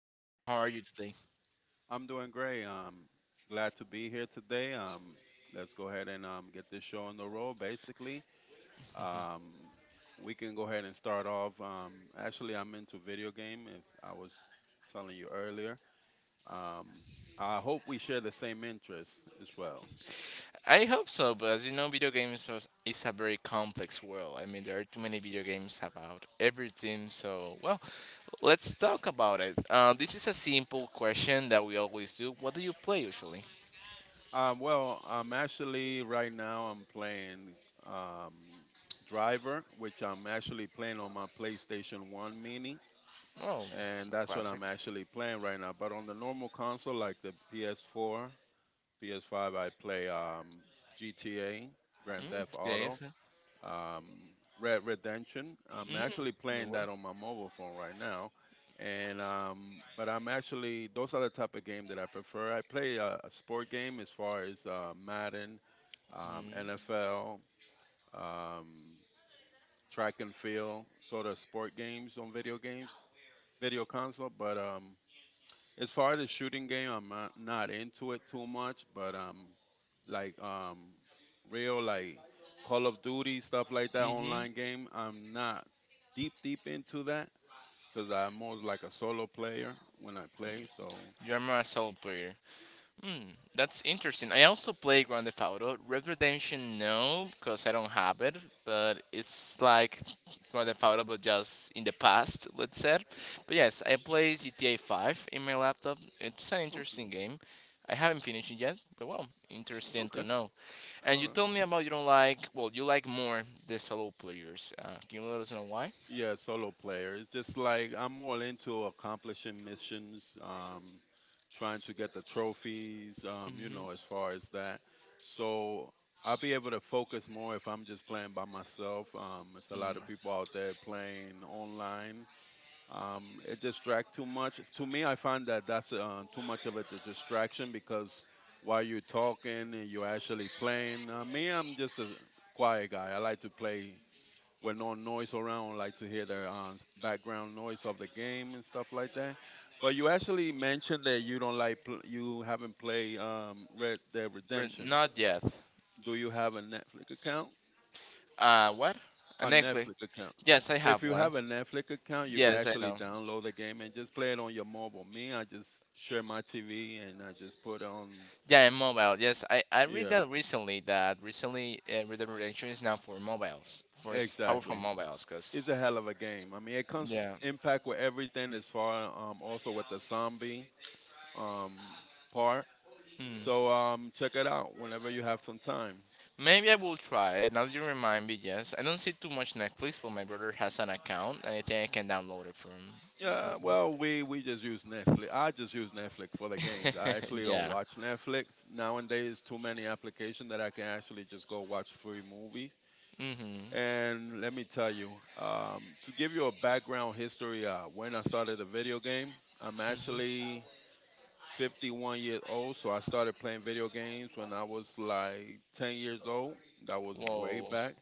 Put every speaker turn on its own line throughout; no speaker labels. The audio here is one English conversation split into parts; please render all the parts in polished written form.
program. How are you today?
Get this show on the road. Basically, um, we can go ahead and start off. Actually, I'm into video game, as I was telling you earlier. Um, I hope we share the same interests as well.
I hope so, but as you know, video games is a very complex world. I mean, there are too many video games about everything. So, well, let's talk about it. This is a simple question that we always do. What do you play usually?
Well, I'm actually, right now I'm playing um, Driver, which I'm actually playing on my PlayStation 1 Mini,
Oh,
and
a
that's what
classic.
I'm actually playing right now. But on the normal console, like the PS4 PS5, I play GTA, Grand
Mm,
Theft Auto,
Days.
um, Red Redemption. I'm actually
Mm, good
playing
one.
that on my mobile phone right now, and but I'm actually those are the type of game that I prefer. I play a sport game as far as Madden,
Mm.
NFL, um, track and field, sort of sport games on video games, video console. But as far as the shooting game, I'm not into it too much, but like um, real like Call of Duty stuff like that
Hmm.
online game, I'm not deep into that because I'm more like a solo player when I play. So,
You're my solo player. Hmm, that's interesting. I also play Grand Theft Auto. Red Redemption, no, because I don't have it. But it's like Grand Theft Auto, but just in the past, let's say. But yes, I play GTA 5 in my laptop. It's an
okay,
interesting game. I haven't finished it yet, but well, interesting to
okay,
know. And
all
you
right.
told me about you don't like, well, you like more the solo players. Can you let us know why?
Yeah, solo player. It's just like I'm all into accomplishing missions, trying to get the trophies, as
Mm-hmm.
far as that. So I'll be able to focus more if I'm just playing by myself. There's a lot of people out there playing online. It distracts too much. To me, I find that that's too much of a distraction because while you're talking and you're actually playing, me, I'm just a quiet guy. I like to play with no noise around, like to hear the background noise of the game and stuff like that. But you actually mentioned that you don't like you haven't played Red Dead Redemption.
Not yet.
Do you have a Netflix account?
What?
A
An Netflix.
Netflix account.
Yes, I
If
have
you
one.
have a Netflix account, you can
Yes, I
actually
know.
download the game and just play it on your mobile. Me, I just share my TV and I just put on.
Yeah, and mobile. Yes, I read
Yeah,
that recently Red Dead Redemption is now for mobiles, for powerful
exactly.
mobiles.
It's a
Cause
hell of a game. I mean, it comes
yeah,
impact with everything as far also with the zombie um, part.
hmm.
So check it out whenever you have some time.
Maybe I will try it. Now that you remind me. Yes, I don't see too much Netflix, but my brother has an account, and I think I can download it from.
Yeah, well, we just use Netflix. I just use Netflix for the games. I
Yes.
actually don't
Yeah.
watch Netflix. Nowadays, too many applications that I can actually just go watch free movies.
Mhm.
And let me tell you, to give you a background history, when I started the video game, I'm
Mhm.
actually 51 years old. So I started playing video games when I was like 10 years old. That was way
Whoa.
back.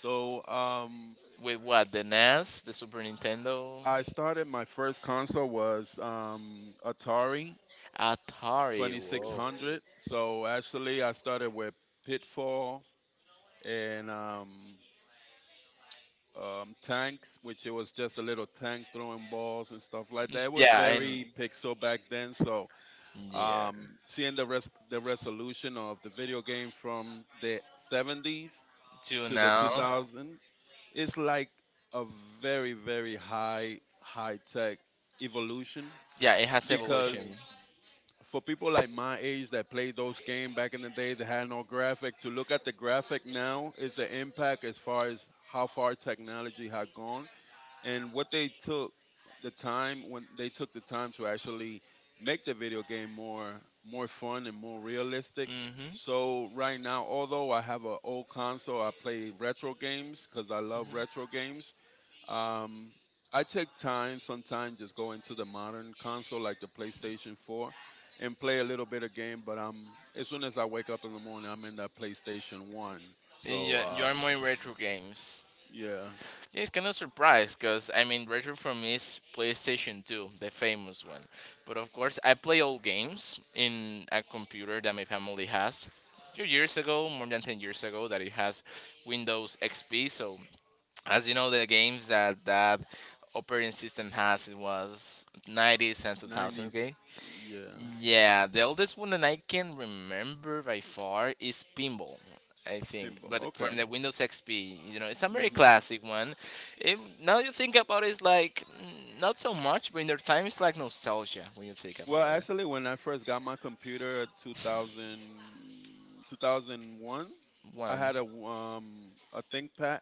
So
With what? The NES, the Super Nintendo,
I started my first console was Atari
Atari. Whoa.
2600. So actually, I started with Pitfall and Tanks, which it was just a little tank throwing balls and stuff like that. It was, yeah,
Yeah, and
very pixel back then. So
yeah.
seeing the the resolution of the video game from the 70s
To
to the, mm-hmm,
now.
2000, it's like a very high tech evolution
Yeah, it has
because
evolution.
for people like my age that played those games back in the day that had no graphic, to look at the graphic now is the impact as far as how far technology had gone and what they took the time, when they took the time to actually make the video game more fun and more realistic.
Mm-hmm.
So right now, although I have an old console, I play retro games because I love retro games. um, I take time sometimes just go into the modern console like the PlayStation 4 and play a little bit of game. But as soon as I wake up in the morning, I'm in that PlayStation 1. So
Yeah, you are more in retro games.
yeah,
Yeah, it's kind of surprised because I mean, retro for me is PlayStation 2, the famous one. But of course, I play old games in a computer that my family has. Few years ago, more than 10 years ago, that it has Windows XP. So, as you know, the games that that operating system has, it was 90s and
90s,
2000s.
yeah,
Yeah, the oldest one that I can remember by far is Pinball, I think.
pinball.
But from
Okay.
the Windows XP, you know, it's a very
Hmm.
classic one. It, now you think about it, it's like not so much, but in their time, it's like nostalgia when you think
Well,
about it.
actually, when I first got my computer at 2000, 2001, I
One,
had a ThinkPad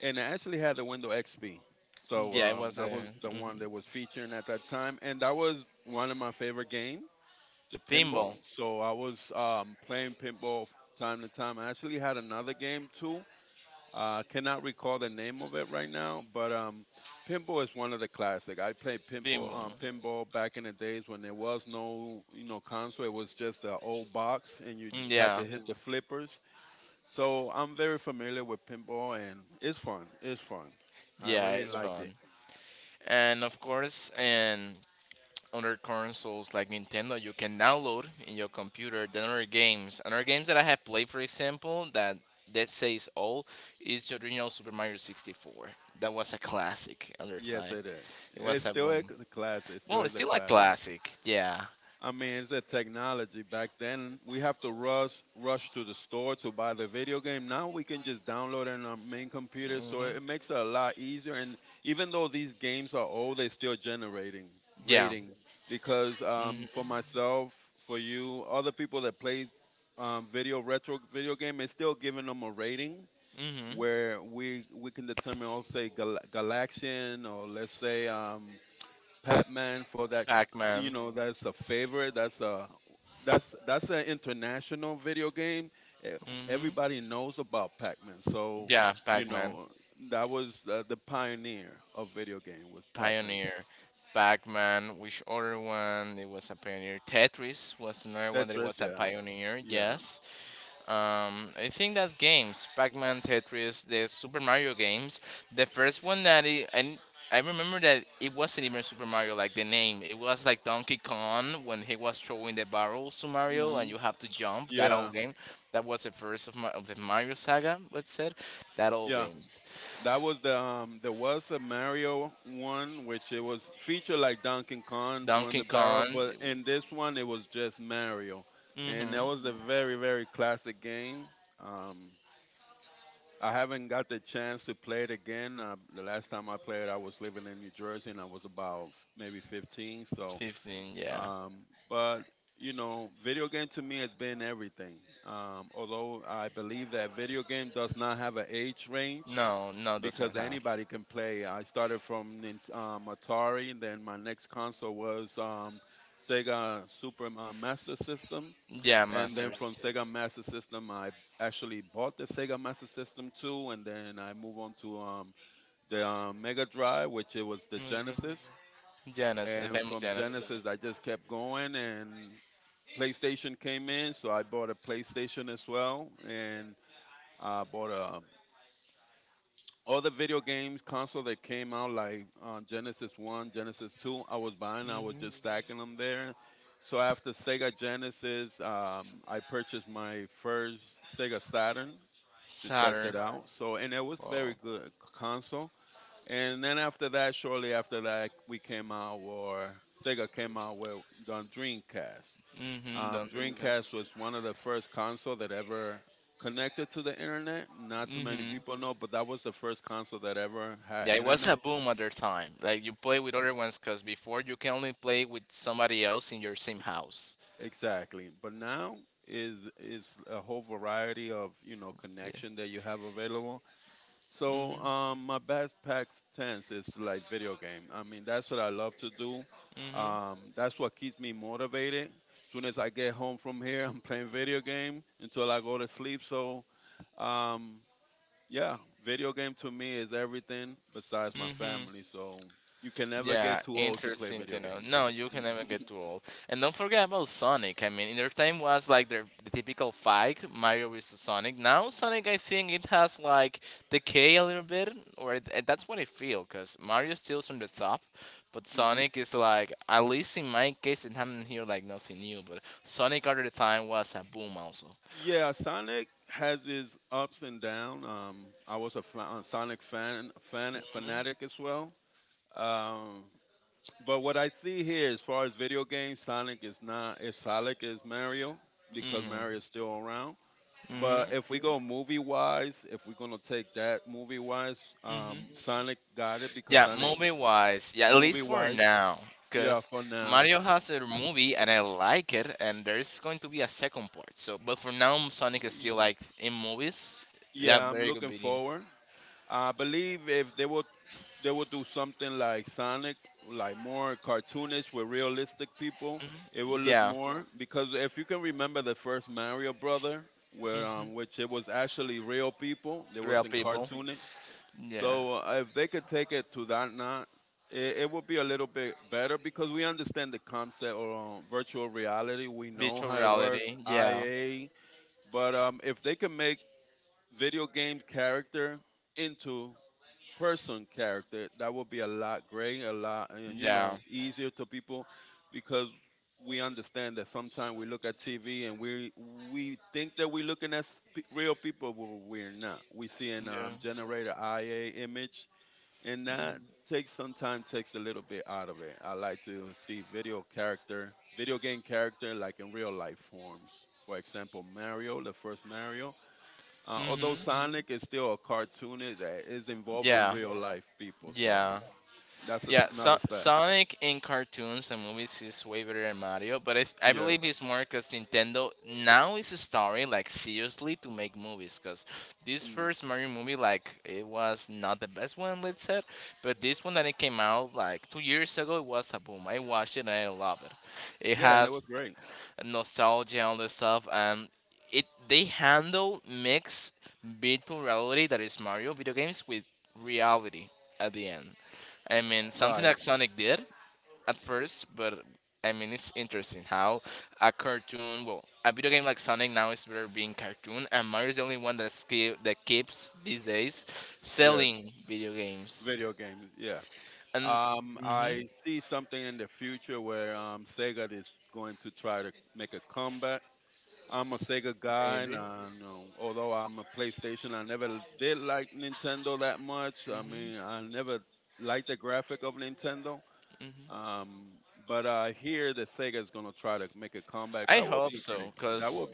and I actually had the Windows XP. So
yeah, it was
that
a
was the one
mhm.
that was featuring at that time, and that was one of my favorite game, the pinball.
Pinball,
So I was playing pinball time to time. I actually had
Pinball. Mm, yeah, yeah, it's fun. And of course, and other consoles like Nintendo you can download in your computer the other games. Another games that I have played, for example, that that says all is the original Super Mario 64. That was a classic at the time. It was a boom. Well, it's still a classic. Yeah. Hmm. Yeah. Hmm. Hmm. Pac-Man. Hmm. Yeah, Pac-Man. Pioneer, Pac-Man, which other one? It was a pioneer. Tetris was another one that it was a pioneer. Yes. I think that games, Pac-Man, Tetris, the Super Mario games. The first one that it, and I remember that it wasn't even Super Mario, like the name. It was like Donkey Kong when he was throwing the barrels to Mario and you have to jump. That old game. That was the first of, my, of the Mario saga, let's say. That old games. Donkey Kong. Mm-hmm. 15, yeah. No, no, doesn't have. Yeah, Masters. Mhm. Genesis, the famous Genesis. Hmm. Saturn. Wow. Mm-hmm. Don't drink it. Mm-hmm. Yeah, it was a boom at their time. Like you play with other ones, cause before you can only play with somebody else in your same house. Yeah. Mm-hmm. Mm-hmm. Mm-hmm. Yeah, interesting to know. No, you can never get too old. And don't forget about Sonic. I mean, in their time was like the typical fight, Mario versus Sonic. Now Sonic, I think it has like decay a little bit, or that's what I feel, cause Mario steals on the top, but Sonic is like at least in my case, it happened here like nothing new. But Sonic at the time was a boom also. Mhm. Mhm. Mhm. Yeah, movie wise, yeah, at least for now, because Mario has a movie and I like it, and there's going to be a second part. So, but for now, Sonic is still like in movies. Yeah, very good video. Yeah, hmm, real people. Yeah, virtual reality. Yeah, yeah, yeah. Hmm. Hmm. Yeah, yeah. Yeah, Sonic in cartoons and movies is way better than Mario, but I believe it's more because Nintendo now is starting like seriously to make movies. Because this first Mario movie, like it was not the best one, let's say, but this one that it came out like 2 years ago, it was a boom. I watched it and I love it. It has nostalgia and all this stuff and it they handle mix virtual reality that is Mario video games with reality at the end. I mean something that Sonic did at first, but I mean it's interesting how a cartoon well a video game like Sonic now is better being cartoon and Mario's the only one that still that keeps these days selling video games. And hmm, maybe. Hmm. I hope so, because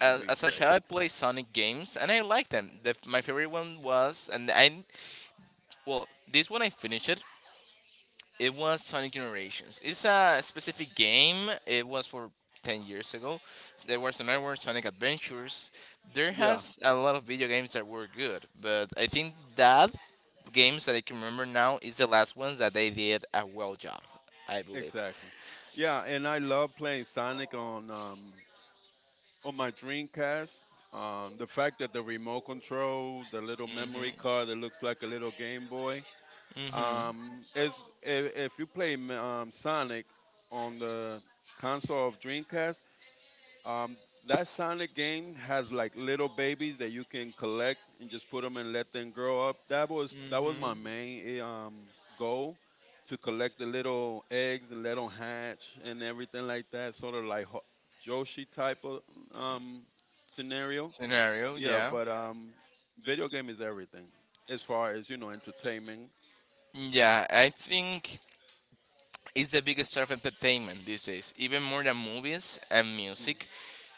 as a child, I played Sonic games, and I liked them. My favorite one was, and I well, this one I finished it. It was Sonic Generations. It's a specific game. It was for 10 years ago. There was another one, Sonic Adventures. There has a lot of video games that were good, but I think that games that I can remember now is the last ones that they did a well job. I believe. Mhm. Mm-hmm. Mm-hmm. Scenario, yeah. Yeah, I think it's the biggest star of entertainment these days, even more than movies and music,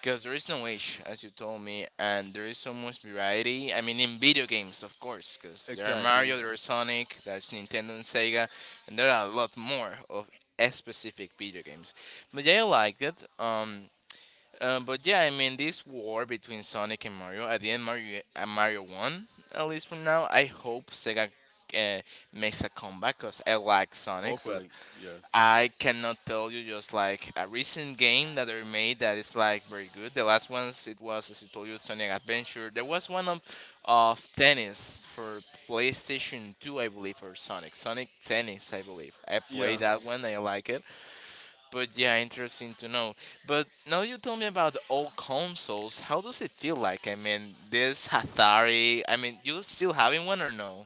because there is no age, as you told me, and there is so much variety. I mean, in video games, of course, because there are Mario, there are Sonic, that's Nintendo and Sega, and there are a lot more of a specific video games. But yeah, I liked it. But yeah, I mean, this war between Sonic and Mario, at the end, Mario won, at least for now. I hope Sega uh, makes a comeback because I like Sonic, but I cannot tell you just like a recent game that they made that is like very good. The last ones it was as I told you Sonic Adventure. There was one of tennis for PlayStation 2 I believe or Sonic. Sonic Tennis I believe. I played that one, I like it. But yeah, interesting to know. But now you tell me about old consoles, how does it feel like? I mean this Atari, I mean you still having one or no?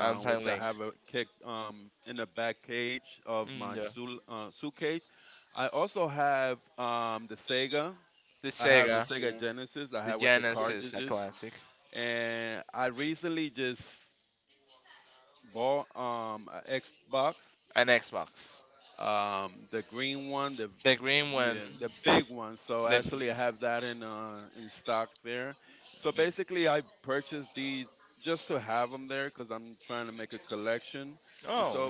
Links. Mm, the Sega, the Genesis, a classic. An Xbox. The green one. The oh.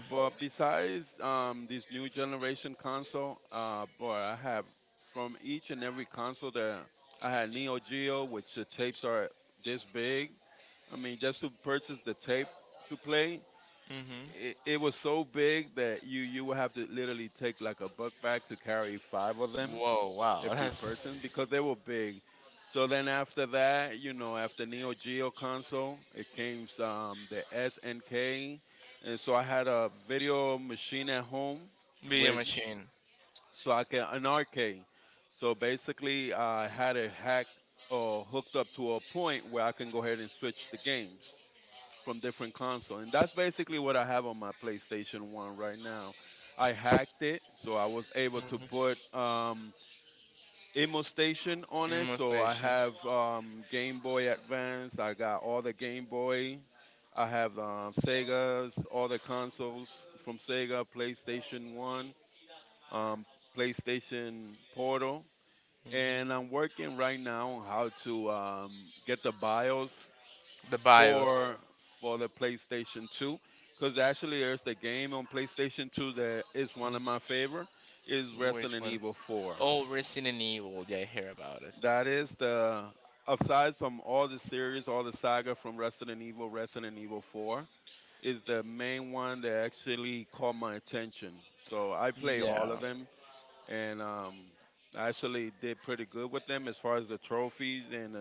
Mhm. Whoa! Wow. That's video machine. Remote station. Mhm. The BIOS. Which one? Oh, Resident Evil. Yeah, I hear about it. Yeah.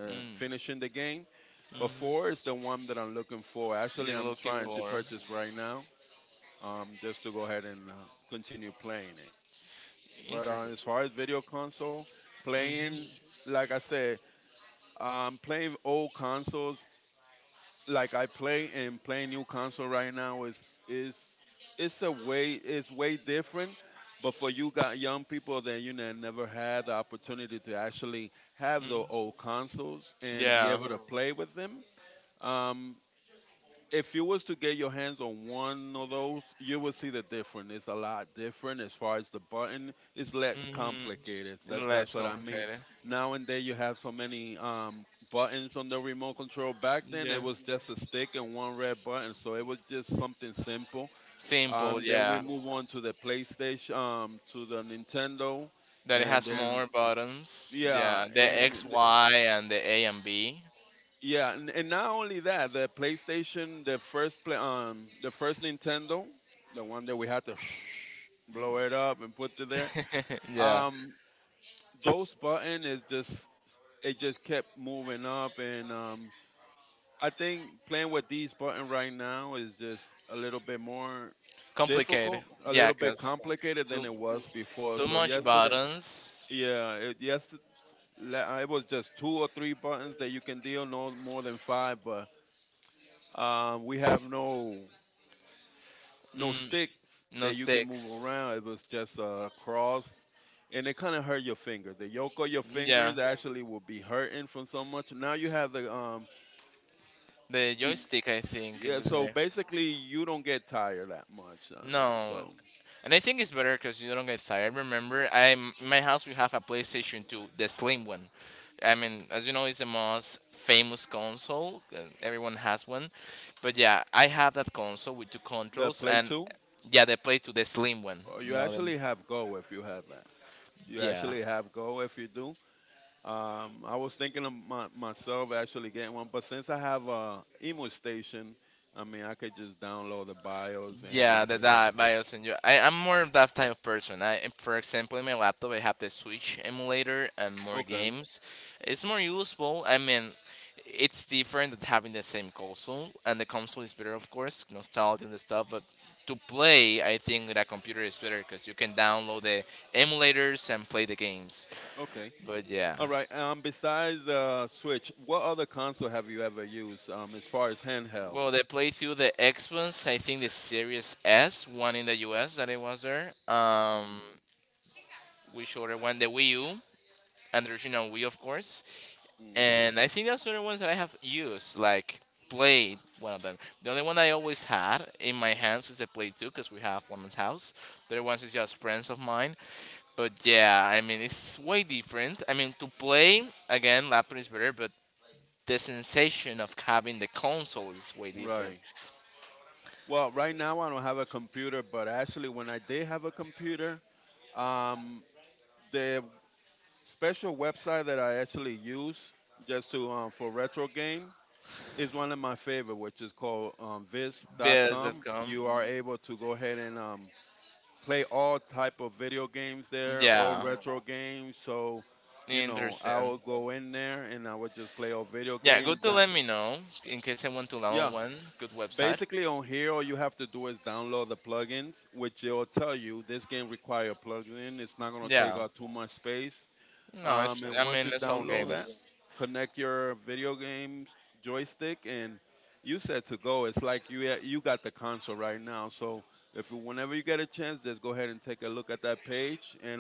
Mm. Hmm. You're looking for interest. Hmm. Hmm. Yeah. Hmm. Less complicated. Yeah. Simple. Yeah. That it has more buttons. Yeah. The X, Y, and the A and B. Yeah. Complicated. Yeah, cause too too much buttons. Mm, no sticks. Yeah. The joystick, I think it was in there. No, and I think it's better because you don't get tired. Remember, I'm in my house. We have a PlayStation 2, the slim one. I mean, as you know, it's the most famous console. Everyone has one, but yeah, I have that console with two controls, and yeah, they play to the slim one. No, then yeah. Yeah, that BIOS and you. I'm more of that type of person. I, for example, in my laptop, I have the Switch emulator and more games. It's more useful. I mean, it's different than having the same console, and the console is better, of course, nostalgia and the stuff. But to play, I think that computer is better because you can download the emulators and play the games. But yeah, well, they played through the Xbox. I think the Series S, one in the US that it was there. Which other one? The Wii U. And there's you Wii of course. And I think those are the ones that I have used, like played one of them. The only one I always had in my hands is the play 2 because we have one at house. The other ones is just friends of mine. But yeah, I mean it's way different. I mean to play again, laptop is better, but the sensation of having the console is way different. Biz.com. Yeah, interesting. Yeah, good to let me know in case I want to learn one good website. Yeah. No, it's. I mean, it's all games.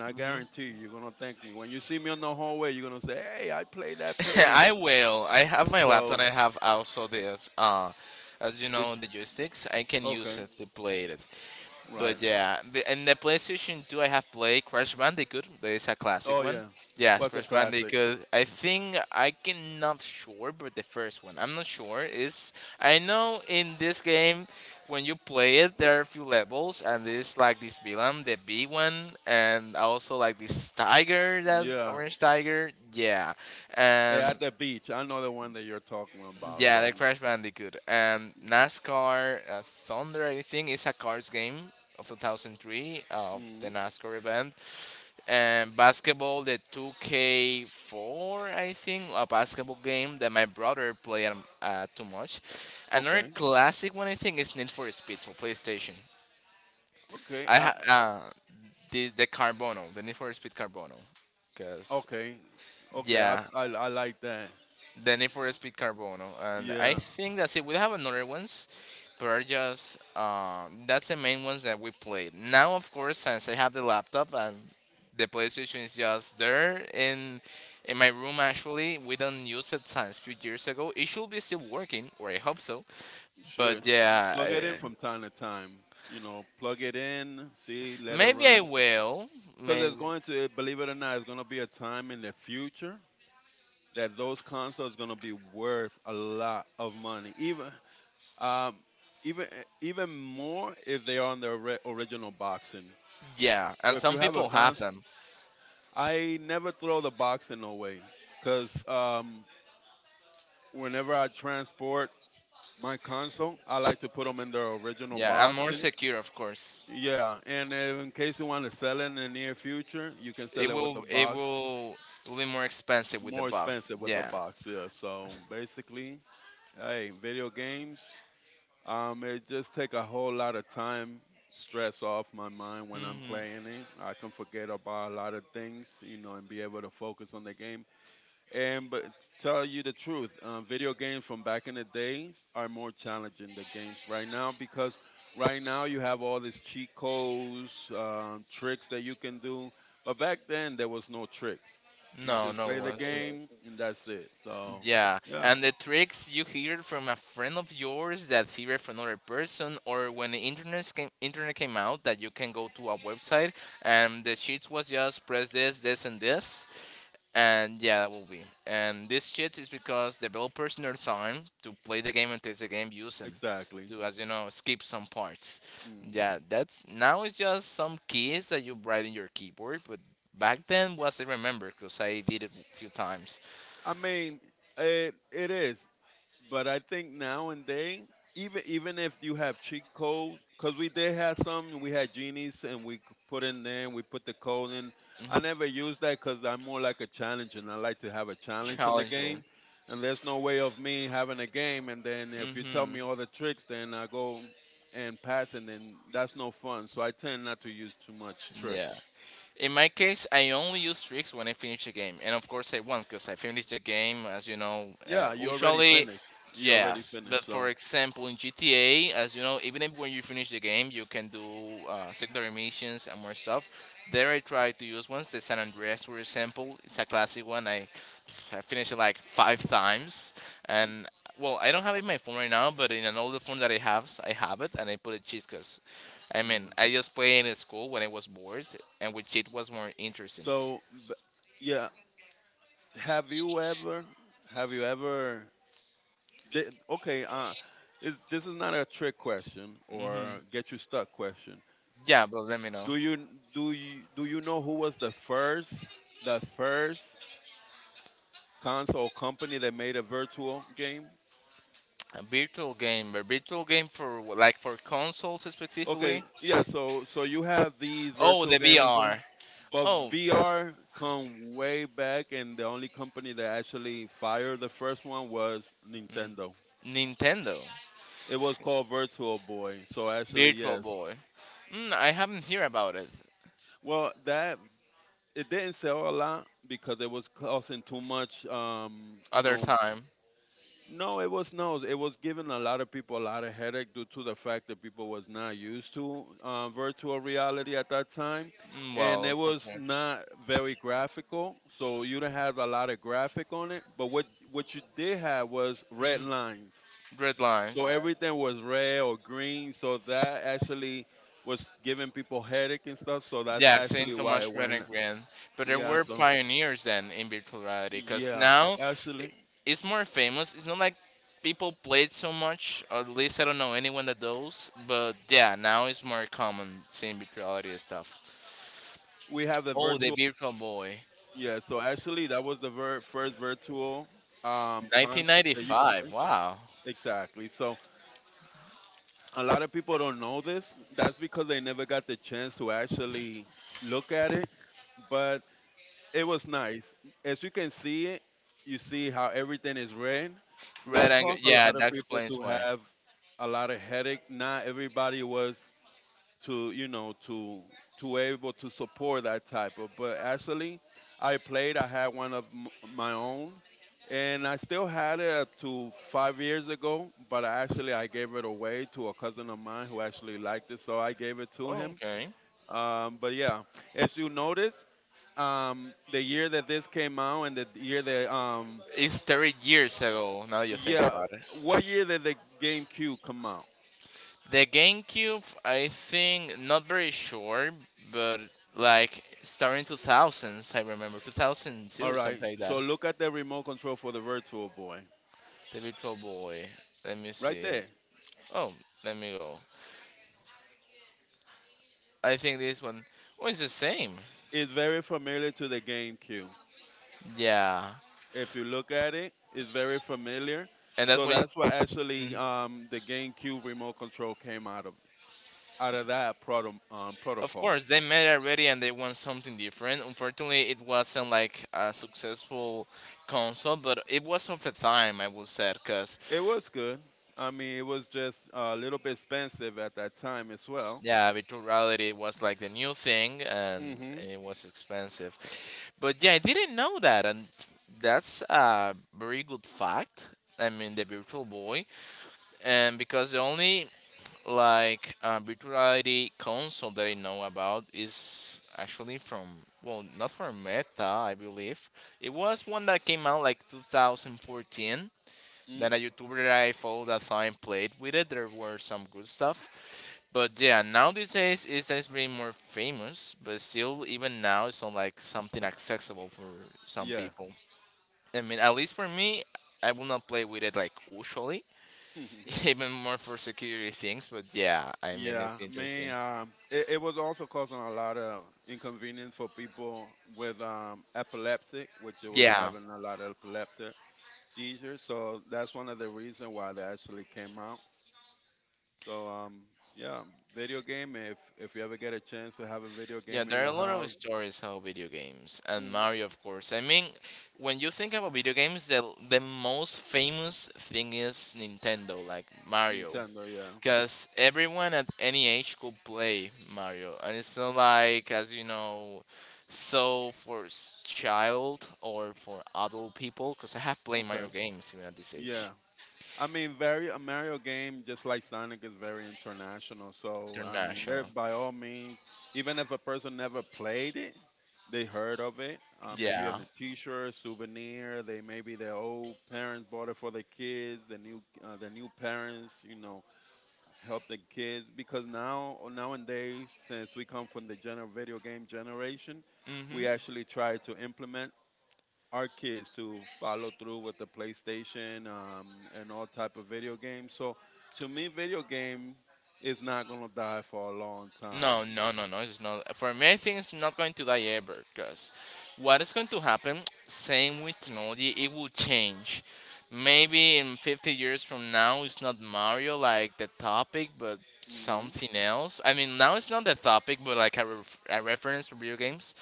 Hmm. I will. I have my laptop. I have also this. As you know, the joysticks. I can use it to play it. But yeah, and the PlayStation 2, I have played Crash Bandicoot. That is a classic one. Yes, Crash Bandicoot. I think I can not sure, but the first one I'm not sure is. I know in this game, when you play it, there are a few levels, and there's like this villain, the big one, and also like this tiger, that orange tiger. Yeah, and yeah, the Crash Bandicoot. NASCAR Thunder, I think, is a cars game of 2003, of the NASCAR event. And basketball, the 2K4, I think, a basketball game that my brother played too much. Another classic one, I think, is Need for Speed for PlayStation. I ha- uh, the Carbono, the Need for Speed Carbono, because yeah, the Need for Speed Carbono, and I think that's it. We have another ones, but are just that's the main ones that we played. Now, of course, since I have the laptop and the PlayStation is just there in my room. Actually, we don't use it since few years ago. It should be still working, or I hope so. But yeah, maybe I will. Maybe, yeah, and some people have them. Yeah, and more secure, of course. It will will be more expensive with the box. Yeah. Mhm. No, no, wasn't. Yeah, and the tricks you hear from a friend of yours that hear it from another person, or when the internet came out, that you can go to a website and the sheets was just press this, this, and this. And yeah, that will be. And this shit is because developers in their time to play the game and test the game use them to, as you know, skip some parts. Yeah, that's now it's just some keys that you write in your keyboard, but back then was, I remember, because I did it a few times. Mm-hmm. Challenging. Hmm. Yeah. In my case, I only use tricks when I finish the game, and of course I won because I finished the game, as you know. Usually, yes, but for example in GTA, as you know, even if when you finish the game, you can do secondary missions and more stuff. There, I try to use ones. The San Andreas, for example, it's a classic one. I finished it like 5 times, and well, I don't have it in my phone right now, but in an older phone that I have it, and I put it cheat, because, I mean, I just play in school when I was bored, and with cheat was more interesting. Hmm. Yeah, but let me know. A virtual game for like for consoles specifically. Oh, the VR. Oh, mm, Nintendo. It's c- Virtual Boy. Mm, I haven't heard about it. Other time. Mm, well, something. Mm, Red Lines. Yeah, Saint Thomas Berenguer. But there were pioneers then in virtuality because now i- it's more famous. It's not like people played so much, or at least I don't know anyone that does. But yeah, now it's more common seeing virtuality and stuff. Oh, the Virtual Boy, 1995. Wow, Red Angle. Yeah, that explains why. Oh, okay. It's 30 years ago. Now you think about it. The GameCube, I think, not very sure, but like starting 2000s, I remember 2002, something like that. The Virtual Boy. Let me see. Oh, let me go. I think this one. Oh, it's the same. Yeah, and that's why. Mhm. Of course, they made it already, and they want something different. Unfortunately, it wasn't like a successful console, but it was of the time, I would say, because, yeah, virtual reality was like the new thing, and it was expensive, but yeah, I didn't know that, and that's a very good fact. I mean, the Virtual Boy. And because the only like virtual reality console that I know about is actually from, well, not from Meta, I believe. It was one that came out like 2014. Then a YouTuber that I follow that time played with it. There were some good stuff, but yeah, nowadays is that it's being more famous, but still, even now, it's not like something accessible for some people. I mean, at least for me, I will not play with it like usually, even more for security things. But yeah, I mean, it's interesting. Yeah, yeah, there are a lot of stories about video games and Mario, of course. I mean, when you think about video games, the most famous thing is Nintendo, like Mario. Because everyone at any age could play Mario, and it's not like, as you know, so for child or for adult people. Because I have played Mario games even at this age, international. Yeah. Hmm. No, no, no, no. It's not for me. I think it's not going to die ever. Cause what is going to happen? Same with technology, it will change. Maybe in 50 years from now, it's not Mario like the topic, but something else. I mean, now it's not the topic, but like a, a reference for video games.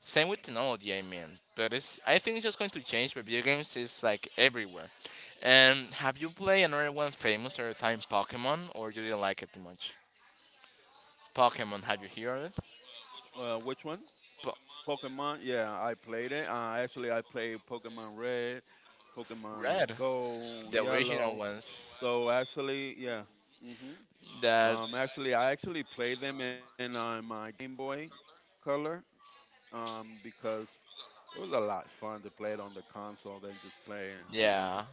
Same with technology, I mean. But it's, I think it's just going to change. But video games is like everywhere. And have you played another one famous or time Pokemon, or you didn't like it too much? Pokemon, have you heard of it? But red, the original ones. That, yeah,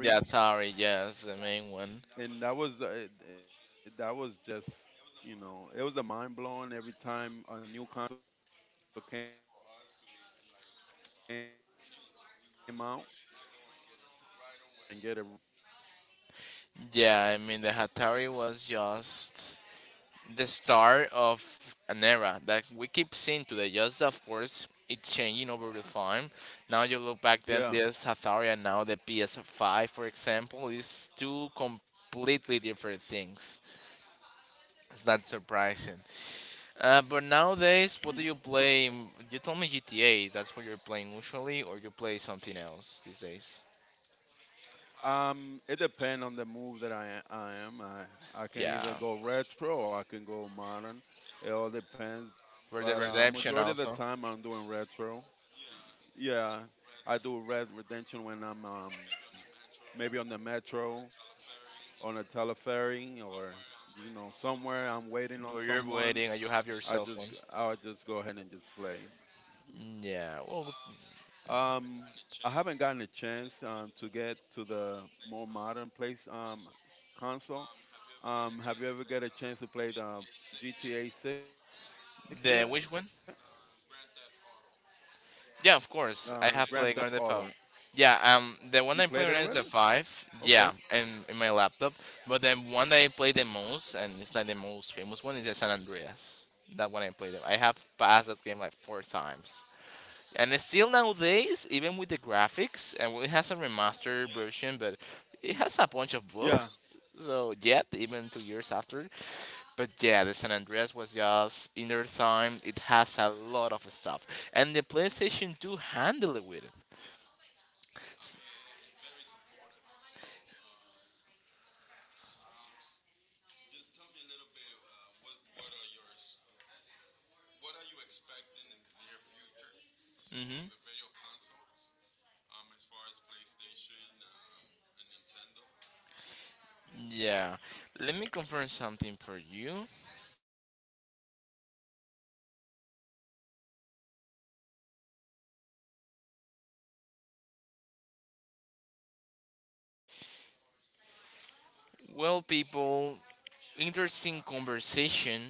the Atari, yes, the main one. Yeah, I mean the Atari was just the start of an era that we keep seeing today. Just of course, it's changing over the time. Now you look back then, this Atari and now the PS5, for example, is two completely different things. It's not surprising. But nowadays, what do you play? You told me GTA. That's what you're playing usually, or you play something else these days? Yeah, Red Dead Redemption also. Where you're waiting and you have your cell phone. Yeah. Well, the which one? Yeah, of course. I have played Grand Theft Auto. Yeah. The one that I play when I was at five. Yeah, in my laptop. But the one that I play the most, and it's not the most famous one, is the San Andreas. That one I played. I have passed that game like 4 times. And it's still nowadays, even with the graphics, and well, it has a remastered version, but it has a bunch of books. So yet, even 2 years after, but yeah, the San Andreas was just in their time. It has a lot of stuff, and the PlayStation 2 handled it with it. Mm-hmm. Yeah, let me confirm something for you. Well, people, interesting conversation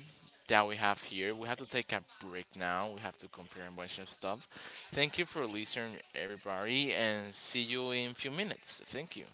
that we have here. We have to take a break now. We have to compare a bunch of stuff. Thank you for listening, everybody, and see you in a few minutes. Thank you.